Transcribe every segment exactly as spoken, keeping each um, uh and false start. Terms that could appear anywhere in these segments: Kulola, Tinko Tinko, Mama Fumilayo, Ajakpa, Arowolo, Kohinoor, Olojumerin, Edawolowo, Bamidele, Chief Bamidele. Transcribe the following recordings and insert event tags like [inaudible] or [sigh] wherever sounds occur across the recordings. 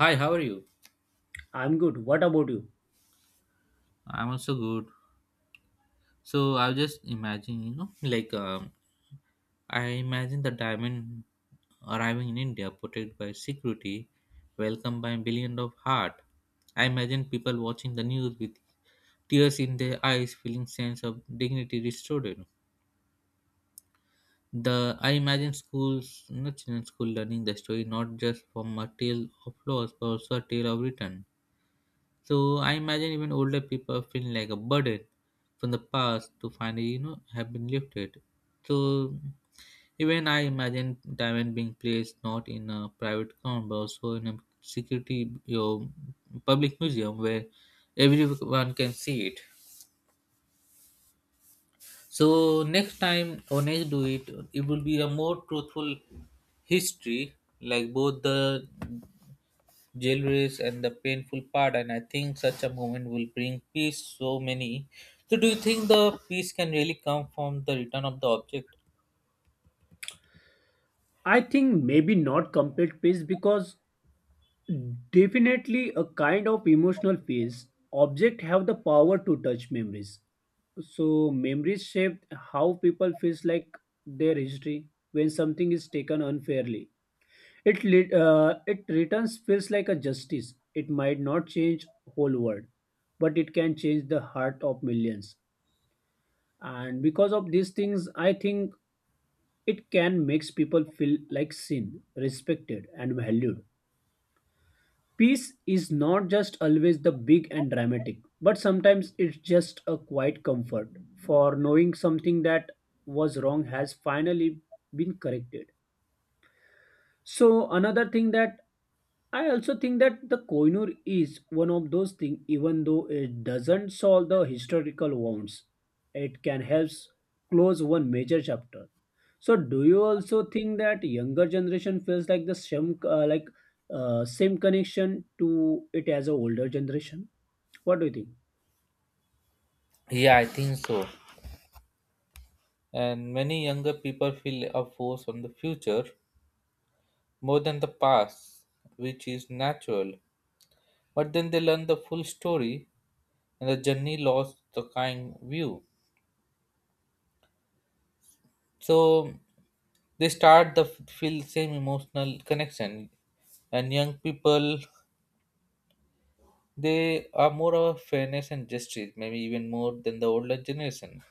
Hi, how are you? I'm good. What about you? I'm also good. So I was just imagining, you know, like um, I imagine the diamond arriving in India, protected by security, welcomed by a billion of heart. I imagine people watching the news with tears in their eyes, feeling sense of dignity restored. The I imagine schools, you know, children school learning the story not just from a tale of loss, but also a tale of return. So I imagine even older people feeling like a burden from the past to finally, you know, have been lifted. So even I imagine diamond being placed not in a private ground but also in a security your public museum where everyone can see it. So next time or next do it, it will be a more truthful history, like both the jail and the painful part. And I think such a moment will bring peace so many. So do you think the peace can really come from the return of the object? I think maybe not complete peace because definitely a kind of emotional peace. Object have the power to touch memories. So memories shape how people feels like their history when something is taken unfairly. It lit- uh, it returns feels like a justice. It might not change whole world, but it can change the heart of millions. And because of these things, I think it can make people feel like seen, respected, and valued. Peace is not just always the big and dramatic, but sometimes it's just a quiet comfort for knowing something that was wrong has finally been corrected. So, another thing that I also think that the Kohinoor is one of those things, even though it doesn't solve the historical wounds, it can help close one major chapter. So do you also think that younger generation feels like the same uh, like uh, same connection to it as a older generation? What do you think? Yeah, I think so. And many younger people feel a force on the future more than the past, which is natural, but then they learn the full story and the journey lost the kind view. So they start the feel same emotional connection, and young people, they are more of fairness and justice, maybe even more than the older generation.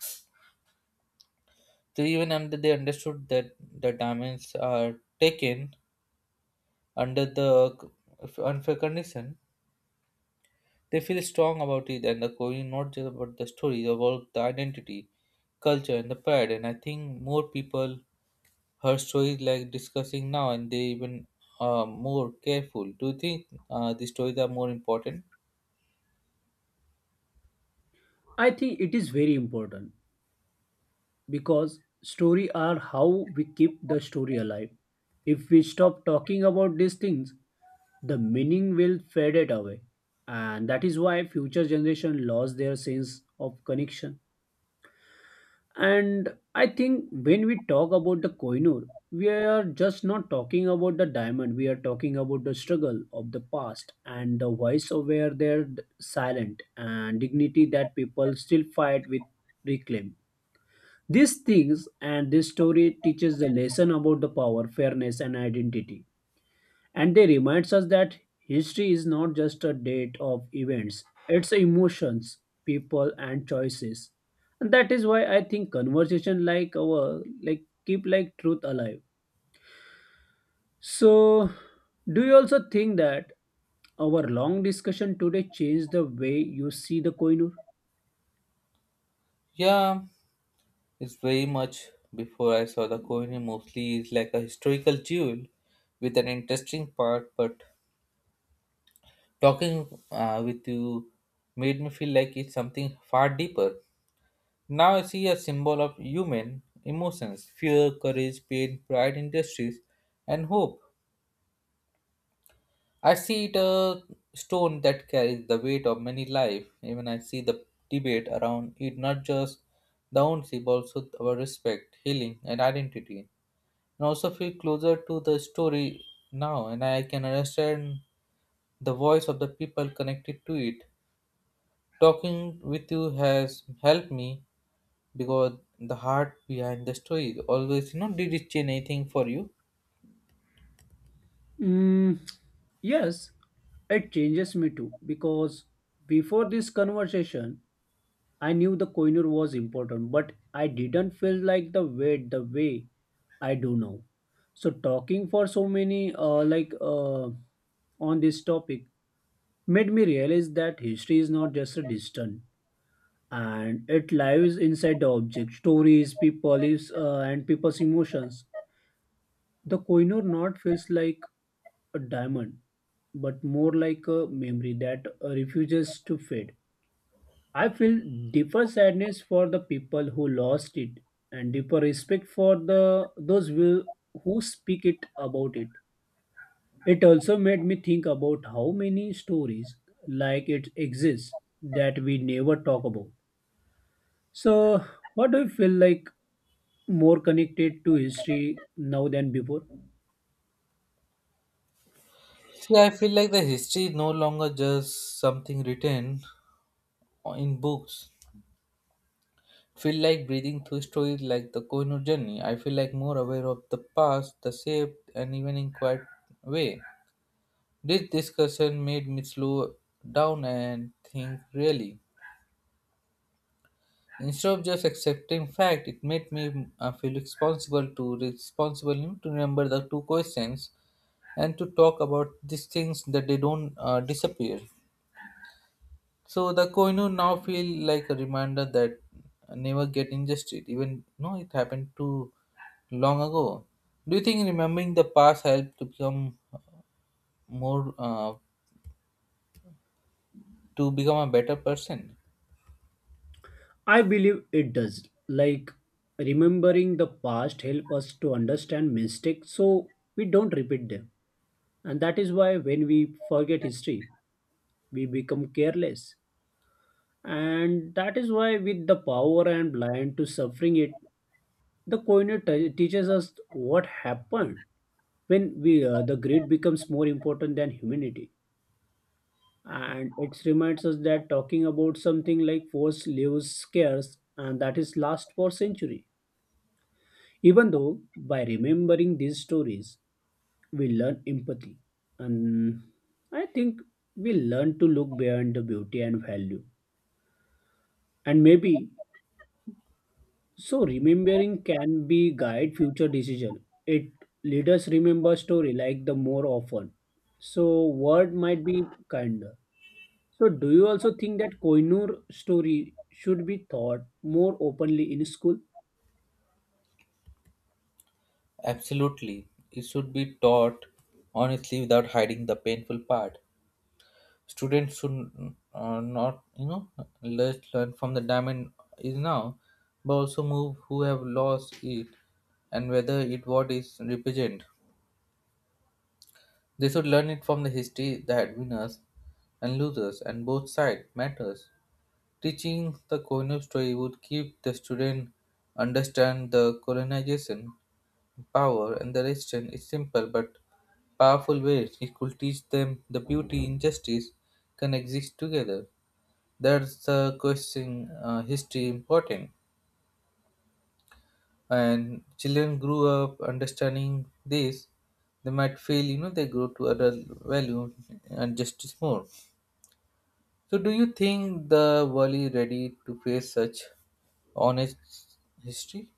So even under they understood that the diamonds are taken under the c- unfair condition, they feel strong about it and the coin, not just about the story, about the identity, culture and the pride. And I think more people heard stories like discussing now and they even are more careful. Do you think uh, these stories are more important? I think it is very important because story are how we keep the story alive. If we stop talking about these things, the meaning will fade it away, and that is why future generation lost their sense of connection. And I think when we talk about the Kohinoor, we are just not talking about the diamond. We are talking about the struggle of the past and the voice of where they're silent and dignity that people still fight with reclaim. These things and this story teaches the lesson about the power, fairness, and identity, and they reminds us that history is not just a date of events, it's emotions, people, and choices, and that is why I think conversation like our like keep like truth alive. So do you also think that our long discussion today changed the way you see the Koinur? Yeah. It's very much. Before I saw the Kohinoor mostly is like a historical jewel with an interesting part, but talking uh, with you made me feel like it's something far deeper. Now I see a symbol of human emotions, fear, courage, pain, pride, industries, and hope. I see it a stone that carries the weight of many lives. Even I see the debate around it, not just the ownership, but also our respect, healing, and identity. And also feel closer to the story now, and I can understand the voice of the people connected to it. Talking with you has helped me because the heart behind the story always you know Did it change anything for you? mm, yes, it changes me too because before this conversation I knew the Koinur was important, but I didn't feel like the weight the way I do now. So talking for so many uh, like uh, on this topic made me realize that history is not just a distant and it lives inside the object, stories, people, lives, uh, and people's emotions. The Koinur not feels like a diamond, but more like a memory that uh, refuses to fade. I feel deeper sadness for the people who lost it and deeper respect for the those who, who speak it about it. It also made me think about how many stories like it exists that we never talk about. So what do you feel like more connected to history now than before? See, I feel like the history is no longer just something written in books. Feel like breathing through stories like the Kohinoor journey. I feel like more aware of the past the shape, and even in quiet way. This discussion made me slow down and think really. Instead of just accepting fact, it made me uh, feel responsible to responsible to remember the two questions and to talk about these things that they don't uh, disappear. So the koinu now feel like a reminder that I never get injustice, even no, it happened too long ago. Do you think remembering the past helped to become more uh, to become a better person? I believe it does. Like remembering the past help us to understand mistakes so we don't repeat them. And that is why when we forget history, we become careless. And that is why, with the power and blind to suffering it, the Koine te- teaches us what happened when we uh, the greed becomes more important than humanity. And it reminds us that talking about something like force lives scarce, and that is last for century. Even though by remembering these stories, we learn empathy, and I think we learn to look beyond the beauty and value, and maybe so remembering can be guide future decision. It let us remember story like the more often, so word might be kinder. So do you also think that Koinur story should be taught more openly in school? Absolutely. It should be taught honestly without hiding the painful part. Students should uh, not, you know, just learn from the diamond is now, but also move who have lost it and whether it what is represent. They should learn it from the history that winners and losers and both side matters. Teaching the colonial story would keep the student understand the colonization, power and the resistance is simple but powerful ways it could teach them the beauty and justice can exist together. That's the question uh, history important. And children grew up understanding this, they might feel you know they grow to adult value and justice more. So do you think the world is ready to face such honest history?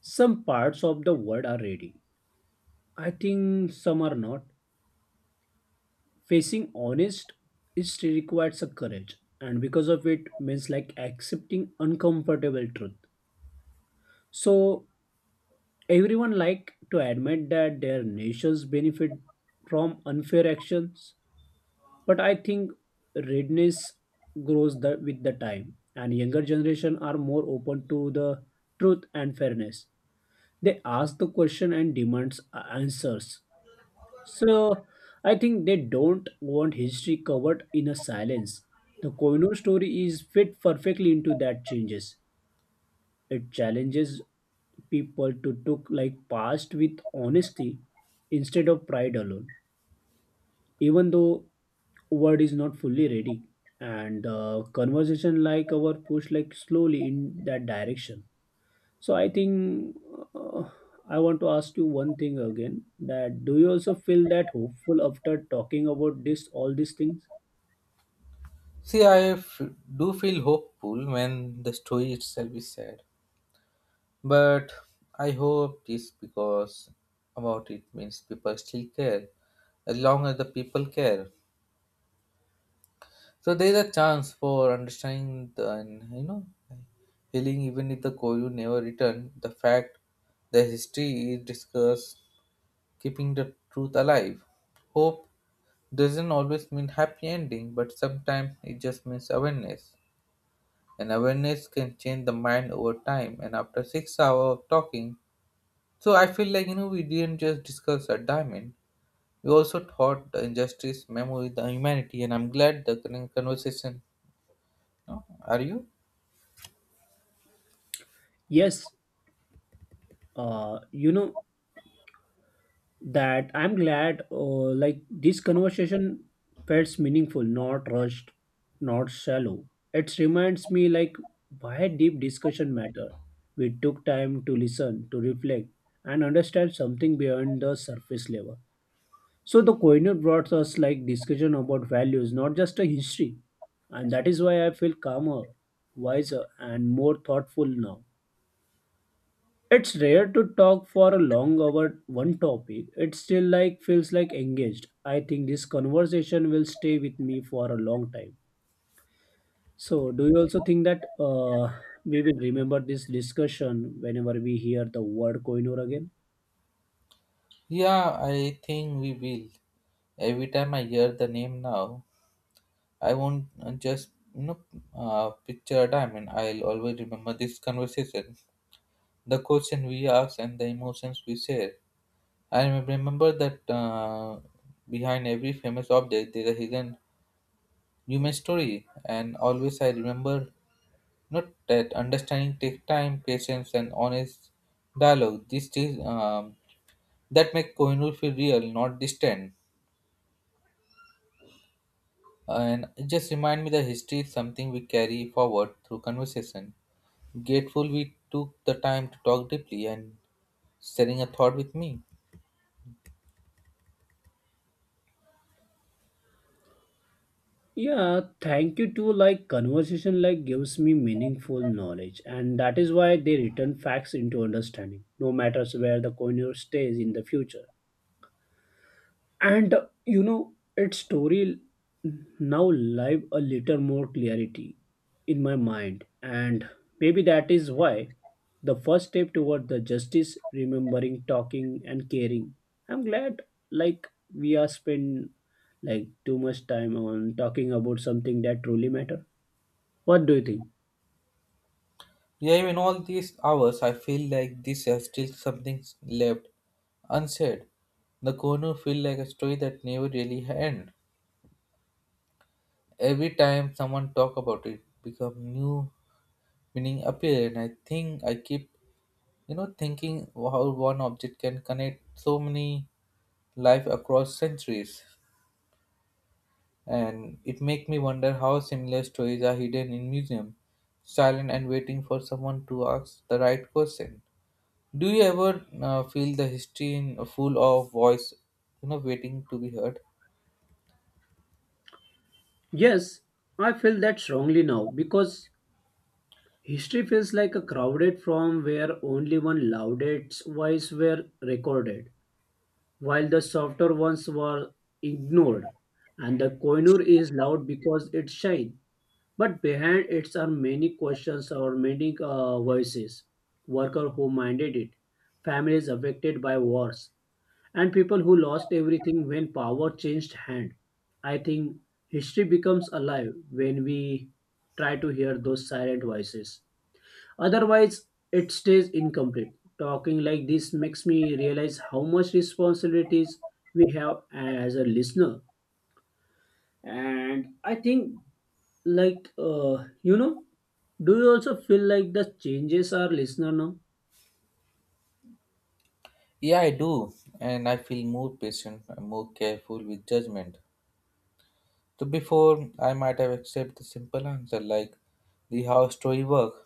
Some parts of the world are ready, I think some are not. Facing honest it still requires a courage and because of it means like accepting uncomfortable truth. So everyone like to admit that their nations benefit from unfair actions, but I think readiness grows the, with the time, and younger generation are more open to the truth and fairness. They ask the question and demands answers. So I think they don't want history covered in a silence. The Koino story is fit perfectly into that changes. It challenges people to took like past with honesty instead of pride alone. Even though word is not fully ready and uh, conversation like our push like slowly in that direction. So I think uh, I want to ask you one thing again that do you also feel that hopeful after talking about this all these things? See, I f- do feel hopeful when the story itself is sad. But I hope this because about it means people still care, as long as the people care. So there is a chance for understanding the, and you know healing even if the Koryu never returned. The fact the history is discussed, keeping the truth alive. Hope doesn't always mean happy ending, but sometimes it just means awareness. And awareness can change the mind over time. And after six hours of talking, so I feel like you know we didn't just discuss a diamond. We also thought the injustice, memory, the humanity, and I'm glad the con- conversation. No, are you? Yes, uh, you know that I'm glad uh, like this conversation felt meaningful, not rushed, not shallow. It reminds me like why deep discussion matter. We took time to listen, to reflect, and understand something beyond the surface level. So the Kohinoor brought us like discussion about values, not just a history. And that is why I feel calmer, wiser, and more thoughtful now. It's rare to talk for a long hour one topic. It still like feels like engaged. I think this conversation will stay with me for a long time. So do you also think that uh, we will remember this discussion whenever we hear the word Kohinoor again? Yeah, I think we will. Every time I hear the name now, I won't uh, just you know uh, picture a diamond. I'll always remember this conversation, the question we asked, and the emotions we shared. I rem- remember that uh, behind every famous object there is a hidden human story, and always I remember not that understanding takes time, patience, and honest dialogue. These things um, that make Kohinoor feel real, not distant. And it just remind me that history is something we carry forward through conversation. Grateful we took the time to talk deeply and sharing a thought with me. Yeah, thank you too. Like conversation like gives me meaningful knowledge, and that is why they return facts into understanding, no matters where the coiner stays in the future. And uh, you know, its story now live a little more clarity in my mind, and maybe that is why the first step toward the justice, remembering, talking, and caring. I'm glad, like we are spend like too much time on talking about something that truly matters. What do you think? Yeah, even all these hours, I feel like this has still something left unsaid. The Kohinoor feel like a story that never really end. Every time someone talk about it, become new meaning appeared. And I think I keep, you know, thinking how one object can connect so many life across centuries. And it makes me wonder how similar stories are hidden in museum, silent and waiting for someone to ask the right question. Do you ever uh, feel the history in full of voice, you know, waiting to be heard? Yes, I feel that strongly now because history feels like a crowded form where only one loudest voice were recorded, while the softer ones were ignored. And the koinur is loud because it's shine, but behind it are many questions or many uh, voices. Worker who minded it, families affected by wars, and people who lost everything when power changed hand. I think history becomes alive when we try to hear those silent voices. Otherwise, it stays incomplete. Talking like this makes me realize how much responsibilities we have as a listener. And I think, like, uh, you know, do you also feel like the changes are listener now? Yeah, I do, and I feel more patient, and more careful with judgment. So before I might have accepted the simple answer like the how story work.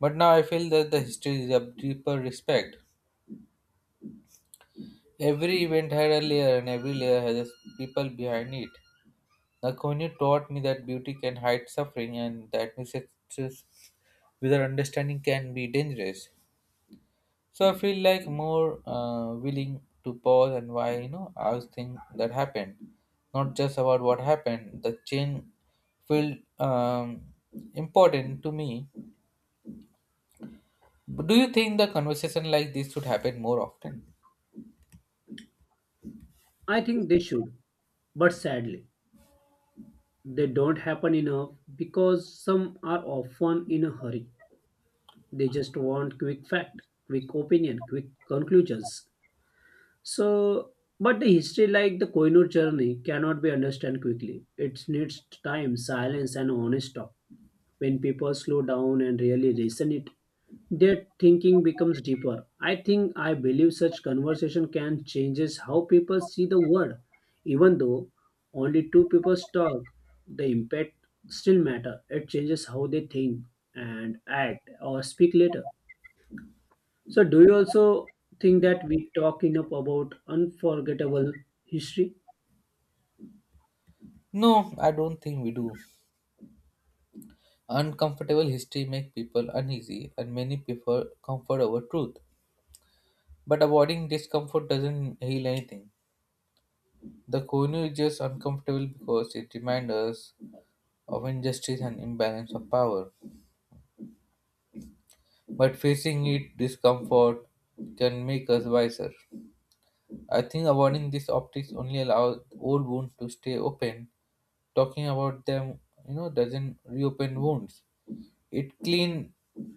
But now I feel that the history is a deeper respect. Every event had a layer and every layer has its people behind it. Nakonyu taught me that beauty can hide suffering and that mistakes without understanding can be dangerous. So I feel like more uh, willing to pause and why you know I was thing that happened, not just about what happened. The change felt um, important to me. But do you think the conversation like this should happen more often? I think they should, but sadly. They don't happen enough because some are often in a hurry. They just want quick fact, quick opinion, quick conclusions. So, but the history like the Kohinoor journey cannot be understood quickly. It needs time, silence, and honest talk. When people slow down and really listen it, their thinking becomes deeper. I think I believe such conversation can changes how people see the world. Even though only two people talk, the impact still matter. It changes how they think and act or speak later. So, do you also think that we talk enough about unforgettable history? No, I don't think we do. Uncomfortable history make people uneasy, and many prefer comfort over truth. But avoiding discomfort doesn't heal anything. The Konu is just uncomfortable because it reminds us of injustice and imbalance of power. But facing it discomfort can make us wiser. I think avoiding these optics only allows old wounds to stay open. Talking about them, you know, doesn't reopen wounds. It clean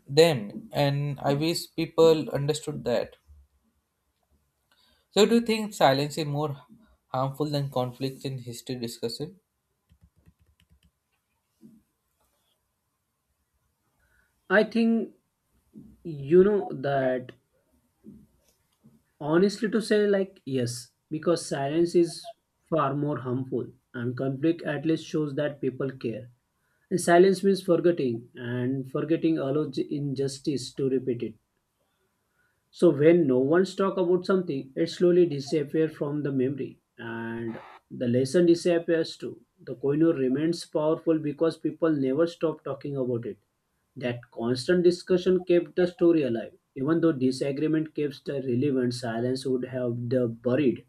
them, and I wish people understood that. So, do you think silence is more harmful than conflict in history discussion? I think you know that honestly to say, like, yes, because silence is far more harmful, and conflict at least shows that people care. And silence means forgetting, and forgetting allows injustice to repeat it. So when no one's talk about something, it slowly disappears from the memory and the lesson disappears too. The koinur remains powerful because people never stop talking about it. That constant discussion kept the story alive. Even though disagreement keeps the relevant, silence would have the buried.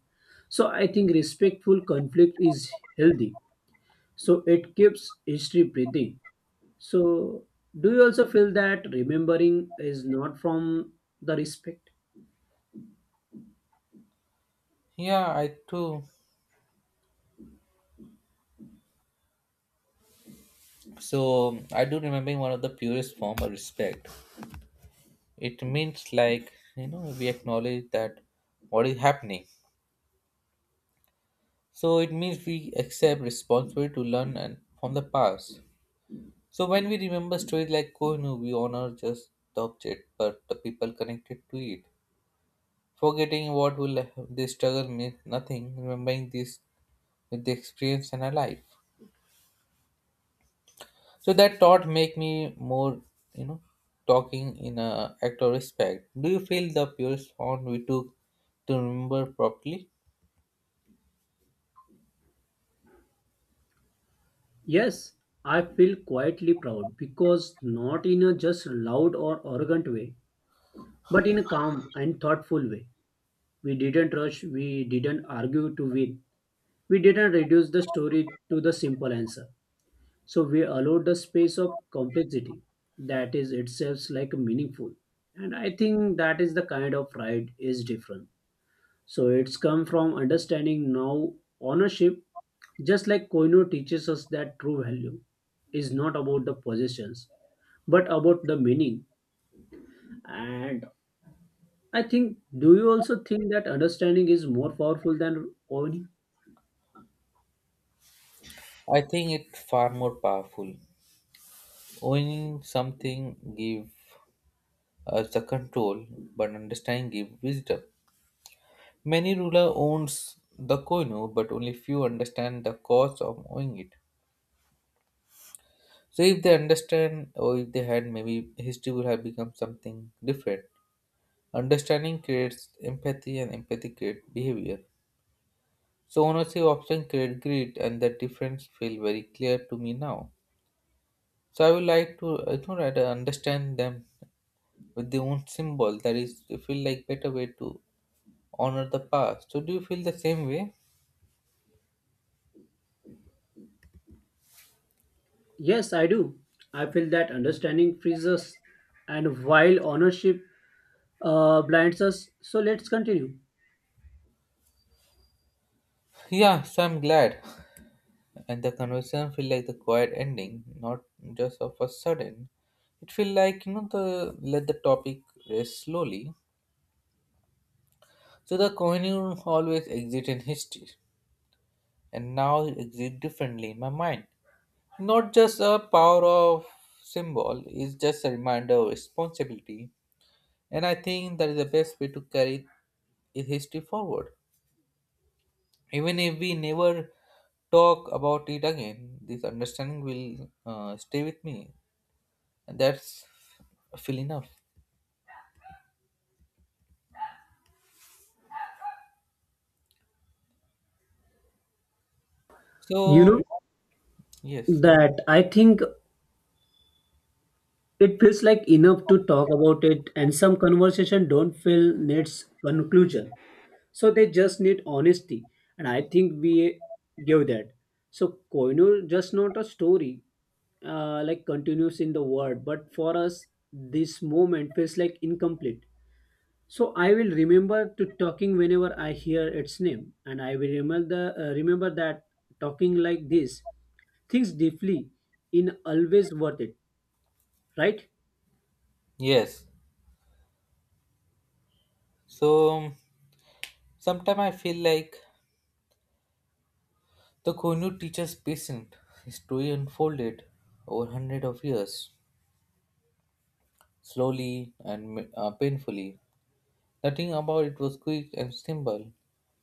So I think respectful conflict is healthy. So it keeps history breathing. So do you also feel that remembering is not from the respect? Yeah, I too. So, I do remember one of the purest form of respect. It means like you know we acknowledge that what is happening, so it means we accept responsibility to learn and from the past. So when we remember stories like kohinoor we honor just the object but the people connected to it. Forgetting what will this struggle means nothing remembering this with the experience in our life. So that thought make me more you know talking in a act of respect. Do you feel the purest form we took to remember properly? Yes, I feel quietly proud because not in a just loud or arrogant way, but in a calm and thoughtful way. We didn't rush, we didn't argue to win, we didn't reduce the story to the simple answer. So we allowed the space of complexity that is itself like meaningful. And I think that is the kind of pride is different. So it's come from understanding now ownership, just like Koino teaches us that true value is not about the possessions, but about the meaning. And I think, do you also think that understanding is more powerful than owning? I think it's far more powerful. Owning something gives us the control, but understanding gives wisdom. Many ruler owns the koino, but only few understand the cause of owning it. So if they understand, or if they had, maybe history would have become something different. Understanding creates empathy, and empathy creates behavior. So ownership often creates greed, and the difference feel very clear to me now. So I would like to, I don't know, understand them with their own symbol that is they feel like better way to honor the past. So do you feel the same way? Yes, I do. I feel that understanding frees us, and while ownership uh, blinds us. So let's continue. [laughs] Yeah, so I'm glad and the conversation feel like the quiet ending, not just of a sudden. It feel like you know the let the topic rest slowly. So the coin always exit in history, and now it exit differently in my mind, not just a power of symbol, it's just a reminder of responsibility. And I think that is the best way to carry i- history forward. Even if we never talk about it again, this understanding will uh, stay with me, and that's feel enough. You So know yes, that I think it feels like enough to talk about it, and some conversation don't feel needs conclusion. So they just need honesty, and I think we give that. So Koinu just not a story, uh, like continues in the world, but for us, this moment feels like incomplete. So I will remember to talking whenever I hear its name, and I will remember the uh, remember that talking like this, things deeply, in always worth it, right? yes. So sometimes I feel like the Konyu teacher's patient story unfolded over hundred of years, slowly and uh, painfully. Nothing about it was quick and simple,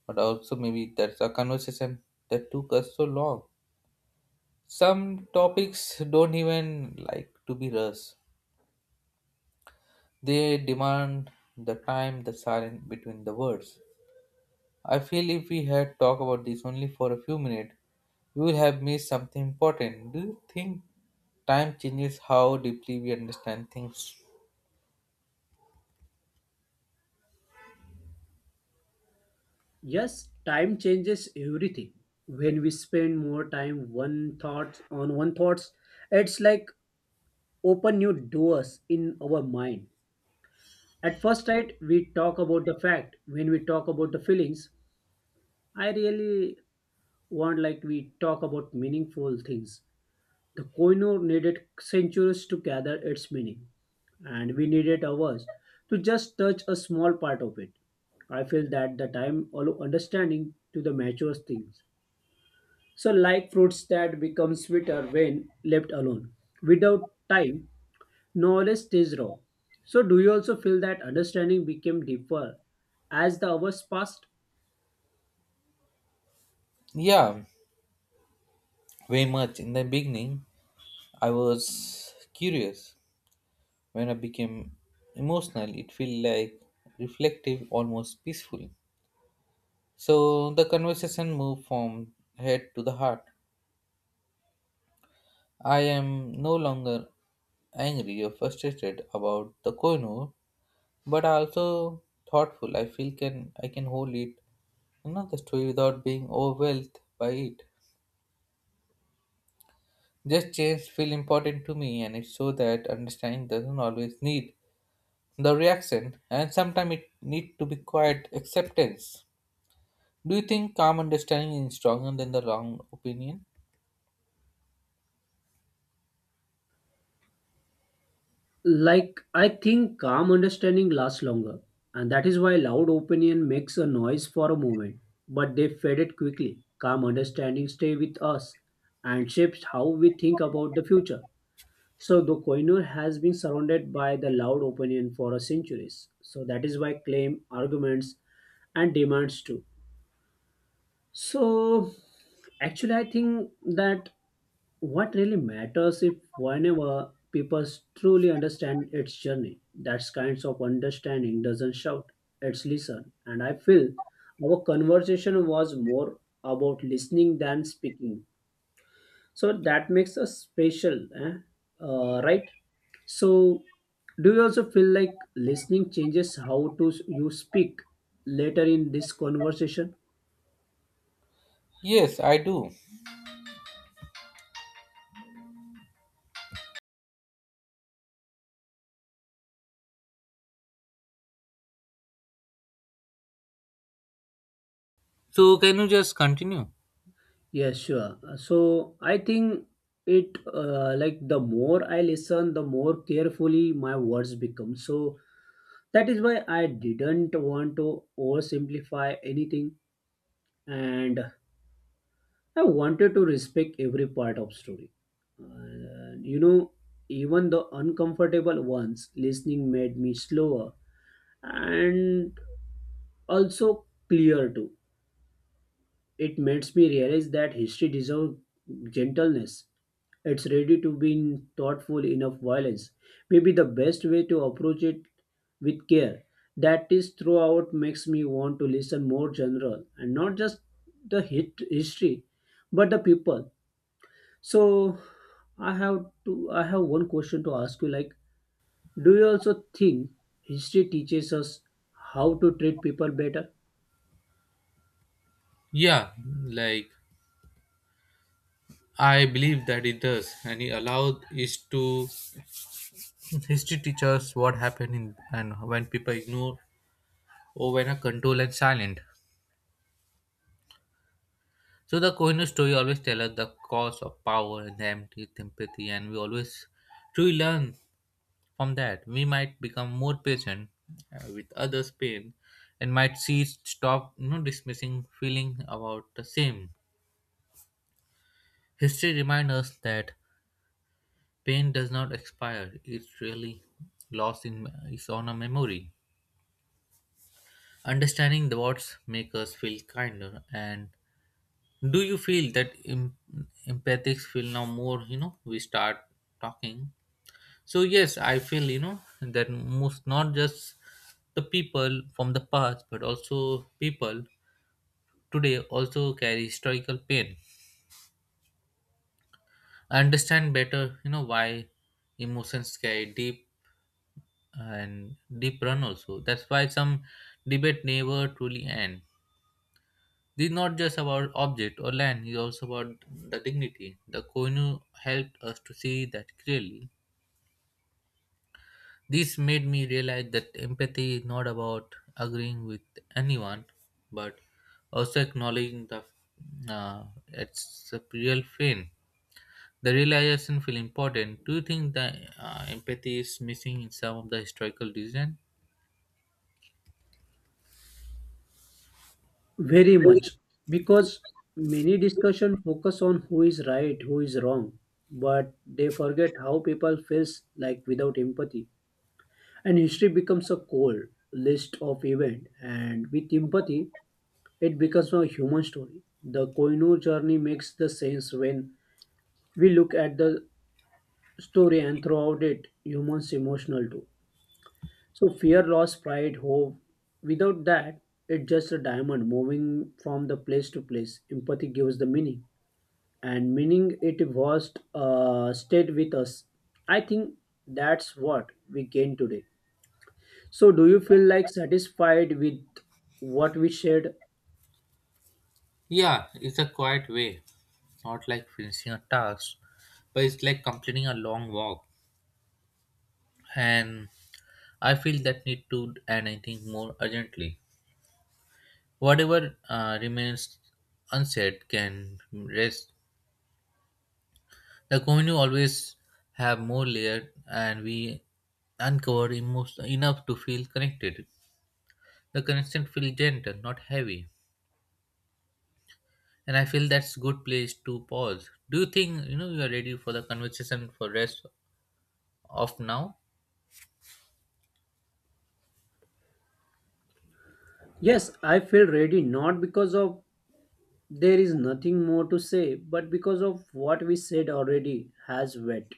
but also maybe that's a conversation that took us so long. Some topics don't even like to be rushed. They demand the time, the silence between the words. I feel if we had talked about this only for a few minutes, we would have missed something important. Do you think time changes how deeply we understand things? Yes, time changes everything. When we spend more time one thoughts on one thoughts, it's like open new doors in our mind. At first sight, we talk about the fact. When we talk about the feelings, I really want like we talk about meaningful things. The Koinur needed centuries to gather its meaning, and we needed hours to just touch a small part of it. I feel that the time allow understanding to the mature things. So, like fruits that become sweeter when left alone. Without time, knowledge stays raw. So, do you also feel that understanding became deeper as the hours passed? Yeah, very much. In the beginning, I was curious. When I became emotional, it felt like reflective, almost peaceful. So the conversation moved from head to the heart. I am no longer angry or frustrated about the Koinu, but also thoughtful. I feel can I can hold it, you know, the story without being overwhelmed by it. Just change feel important to me, and it's so that understanding doesn't always need the reaction, and sometimes it need to be quiet acceptance. Do you think calm understanding is stronger than the wrong opinion? Like, I think calm understanding lasts longer, and that is why loud opinion makes a noise for a moment, but they faded quickly. Calm understanding stay with us and shapes how we think about the future. So the Koinur has been surrounded by the loud opinion for centuries. So that is why claim, arguments, and demands too. So actually, I think that what really matters if whenever people truly understand its journey, that kinds of understanding doesn't shout, it's listen. And I feel our conversation was more about listening than speaking. So that makes us special, eh? Uh, right? So, do you also feel like listening changes how to s- you speak later in this conversation? Yes, I do. So can you just continue? Yes, sure. Uh, So I think it uh, like the more I listen, the more carefully my words become. So that is why I didn't want to oversimplify anything, and I wanted to respect every part of story. Uh, you know, even the uncomfortable ones, listening made me slower and also clear too. It makes me realize that history deserves gentleness. It's ready to be in thoughtful enough violence. Maybe the best way to approach it with care. That is throughout makes me want to listen more general and not just the hit history, but the people. So I have to I have one question to ask you, like, do you also think history teaches us how to treat people better? Yeah, like I believe that it does, and it allowed is to history teachers what happened in and when people ignore or when are control and silent. So the Kohinoor story always tell us the cause of power and the empty empathy, and we always truly learn from that. We might become more patient uh, with others' pain, and might see stop you know dismissing feeling about the same. History reminds us that pain does not expire, it's really lost in is on a memory. Understanding the words make us feel kinder and do you feel that em- empathics feel now more, you know, we start talking? So yes, I feel, you know, that most not just the people from the past but also people today also carry historical pain. I understand better, you know, why emotions carry deep and deep run also. That's why some debate never truly end. This is not just about object or land, it's also about the dignity. The Koinu helped us to see that clearly. This made me realize that empathy is not about agreeing with anyone, but also acknowledging the uh, it's a real pain. The realization feel important. Do you think the uh, empathy is missing in some of the historical decision? Very much, because many discussion focus on who is right, who is wrong, but they forget how people feels like without empathy. And history becomes a cold list of event, and with empathy it becomes a human story. The Koinur journey makes the sense when we look at the story and throughout it humans emotional too. So fear, loss, pride, hope, without that it's just a diamond moving from the place to place. Empathy gives the meaning, and meaning it was uh, stayed with us. I think that's what we gain today. So do you feel like satisfied with what we shared? Yeah, it's a quiet way. Not like finishing a task, but it's like completing a long walk. And I feel that need to and anything more urgently. Whatever uh, remains unsaid can rest. The community always have more layer, and we uncover emotion enough to feel connected. The connection feels gentle, not heavy, and I feel that's good place to pause. Do you think, you know, you are ready for the conversation for rest of now? Yes, I feel ready, not because of there is nothing more to say, but because of what we said already has wet.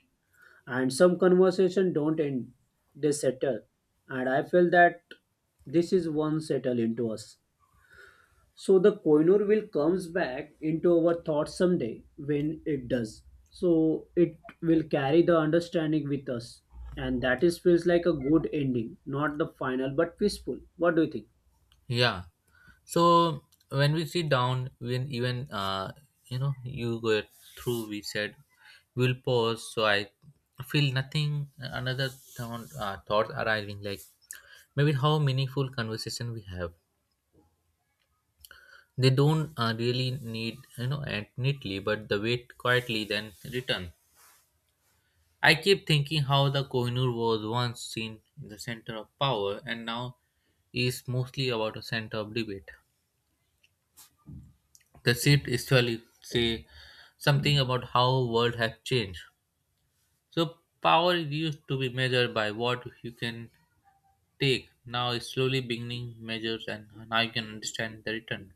And some conversation don't end, they settle, and I feel that this is one settle into us. So the Koinur will comes back into our thoughts someday when it does. So it will carry the understanding with us. And that is feels like a good ending, not the final but peaceful. What do you think? Yeah. So when we sit down, when even uh, you know you go through, we said we'll pause. So I feel nothing. Another thought, uh, thought arriving like maybe how meaningful conversation we have. They don't uh, really need, you know, and neatly, but the wait quietly then return. I keep thinking how the Kohinoor was once seen in the center of power and now is mostly about a center of debate. The shift actually say something about how world has changed. So power used to be measured by what you can take, now is slowly beginning measures and now you can understand the return.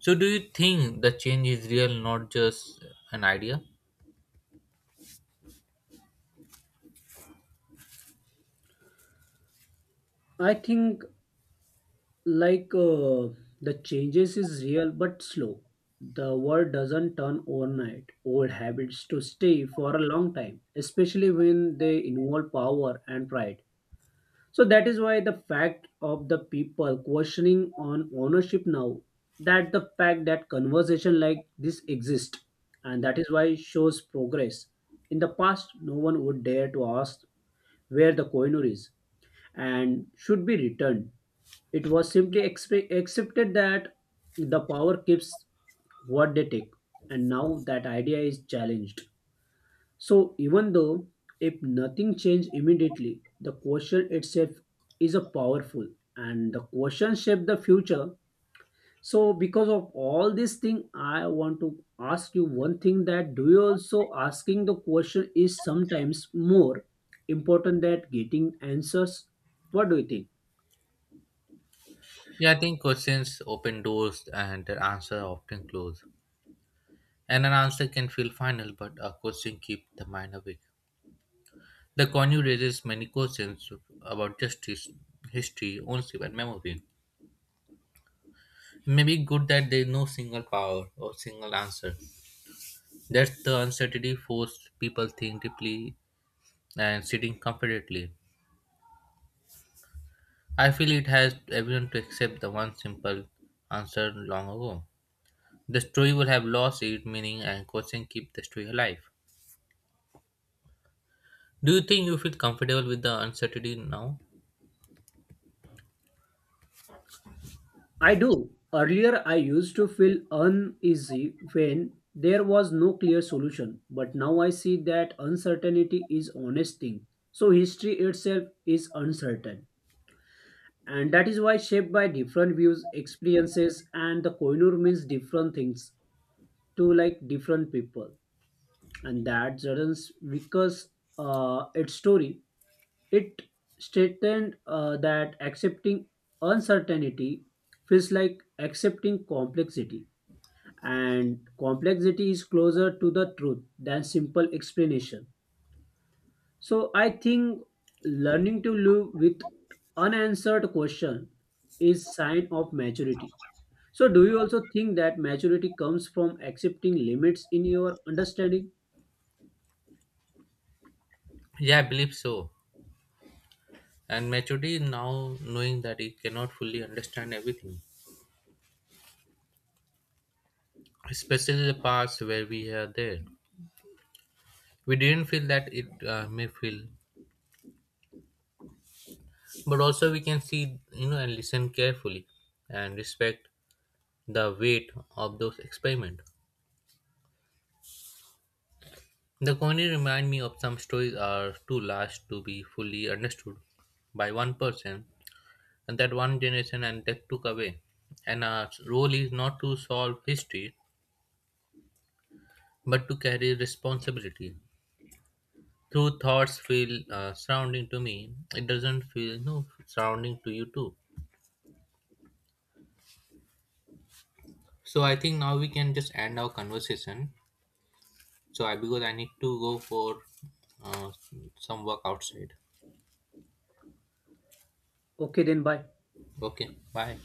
So do you think the change is real, not just an idea? I think like uh, the changes is real but slow. The world doesn't turn overnight, old habits to stay for a long time, especially when they involve power and pride. So that is why the fact of the people questioning on ownership now, that the fact that conversation like this exist, and that is why shows progress. In the past, no one would dare to ask where the coiner is and should be returned. It was simply expe- accepted that the power keeps what they take, and now that idea is challenged. So, even though if nothing changed immediately, the question itself is a powerful, and the question shape the future. So, because of all this thing, I want to ask you one thing, that do you also asking the question is sometimes more important than getting answers? What do you think? Yeah, I think questions open doors and their answer often close. And an answer can feel final, but a question keeps the mind awake. The conure raises many questions about justice, history, ownership and memory. Maybe good that there's no single power or single answer. That's the uncertainty forced people think deeply and sitting confidently. I feel it has everyone to accept the one simple answer long ago. The story would have lost its meaning and question keep the story alive. Do you think you feel comfortable with the uncertainty now? I do. Earlier, I used to feel uneasy when there was no clear solution, but now I see that uncertainty is honest thing. So history itself is uncertain, and that is why shaped by different views, experiences, and the koinur means different things to like different people, and that doesn't because uh, its story it stated uh, that accepting uncertainty feels like accepting complexity, and complexity is closer to the truth than simple explanation. So I think learning to live with unanswered question is sign of maturity. So do you also think that maturity comes from accepting limits in your understanding? Yeah, I believe so. And maturity is now knowing that it cannot fully understand everything, especially the parts where we are there. We didn't feel that it uh, may feel, but also we can see, you know, and listen carefully and respect the weight of those experiments. The comedy remind me of some stories are too large to be fully understood by one person and that one generation and that took away. And our role is not to solve history but to carry responsibility through thoughts feel uh, surrounding to me. It doesn't feel no surrounding to you too. So I think now we can just end our conversation. So I because I need to go for uh, some work outside. Okay, then bye. Okay, bye.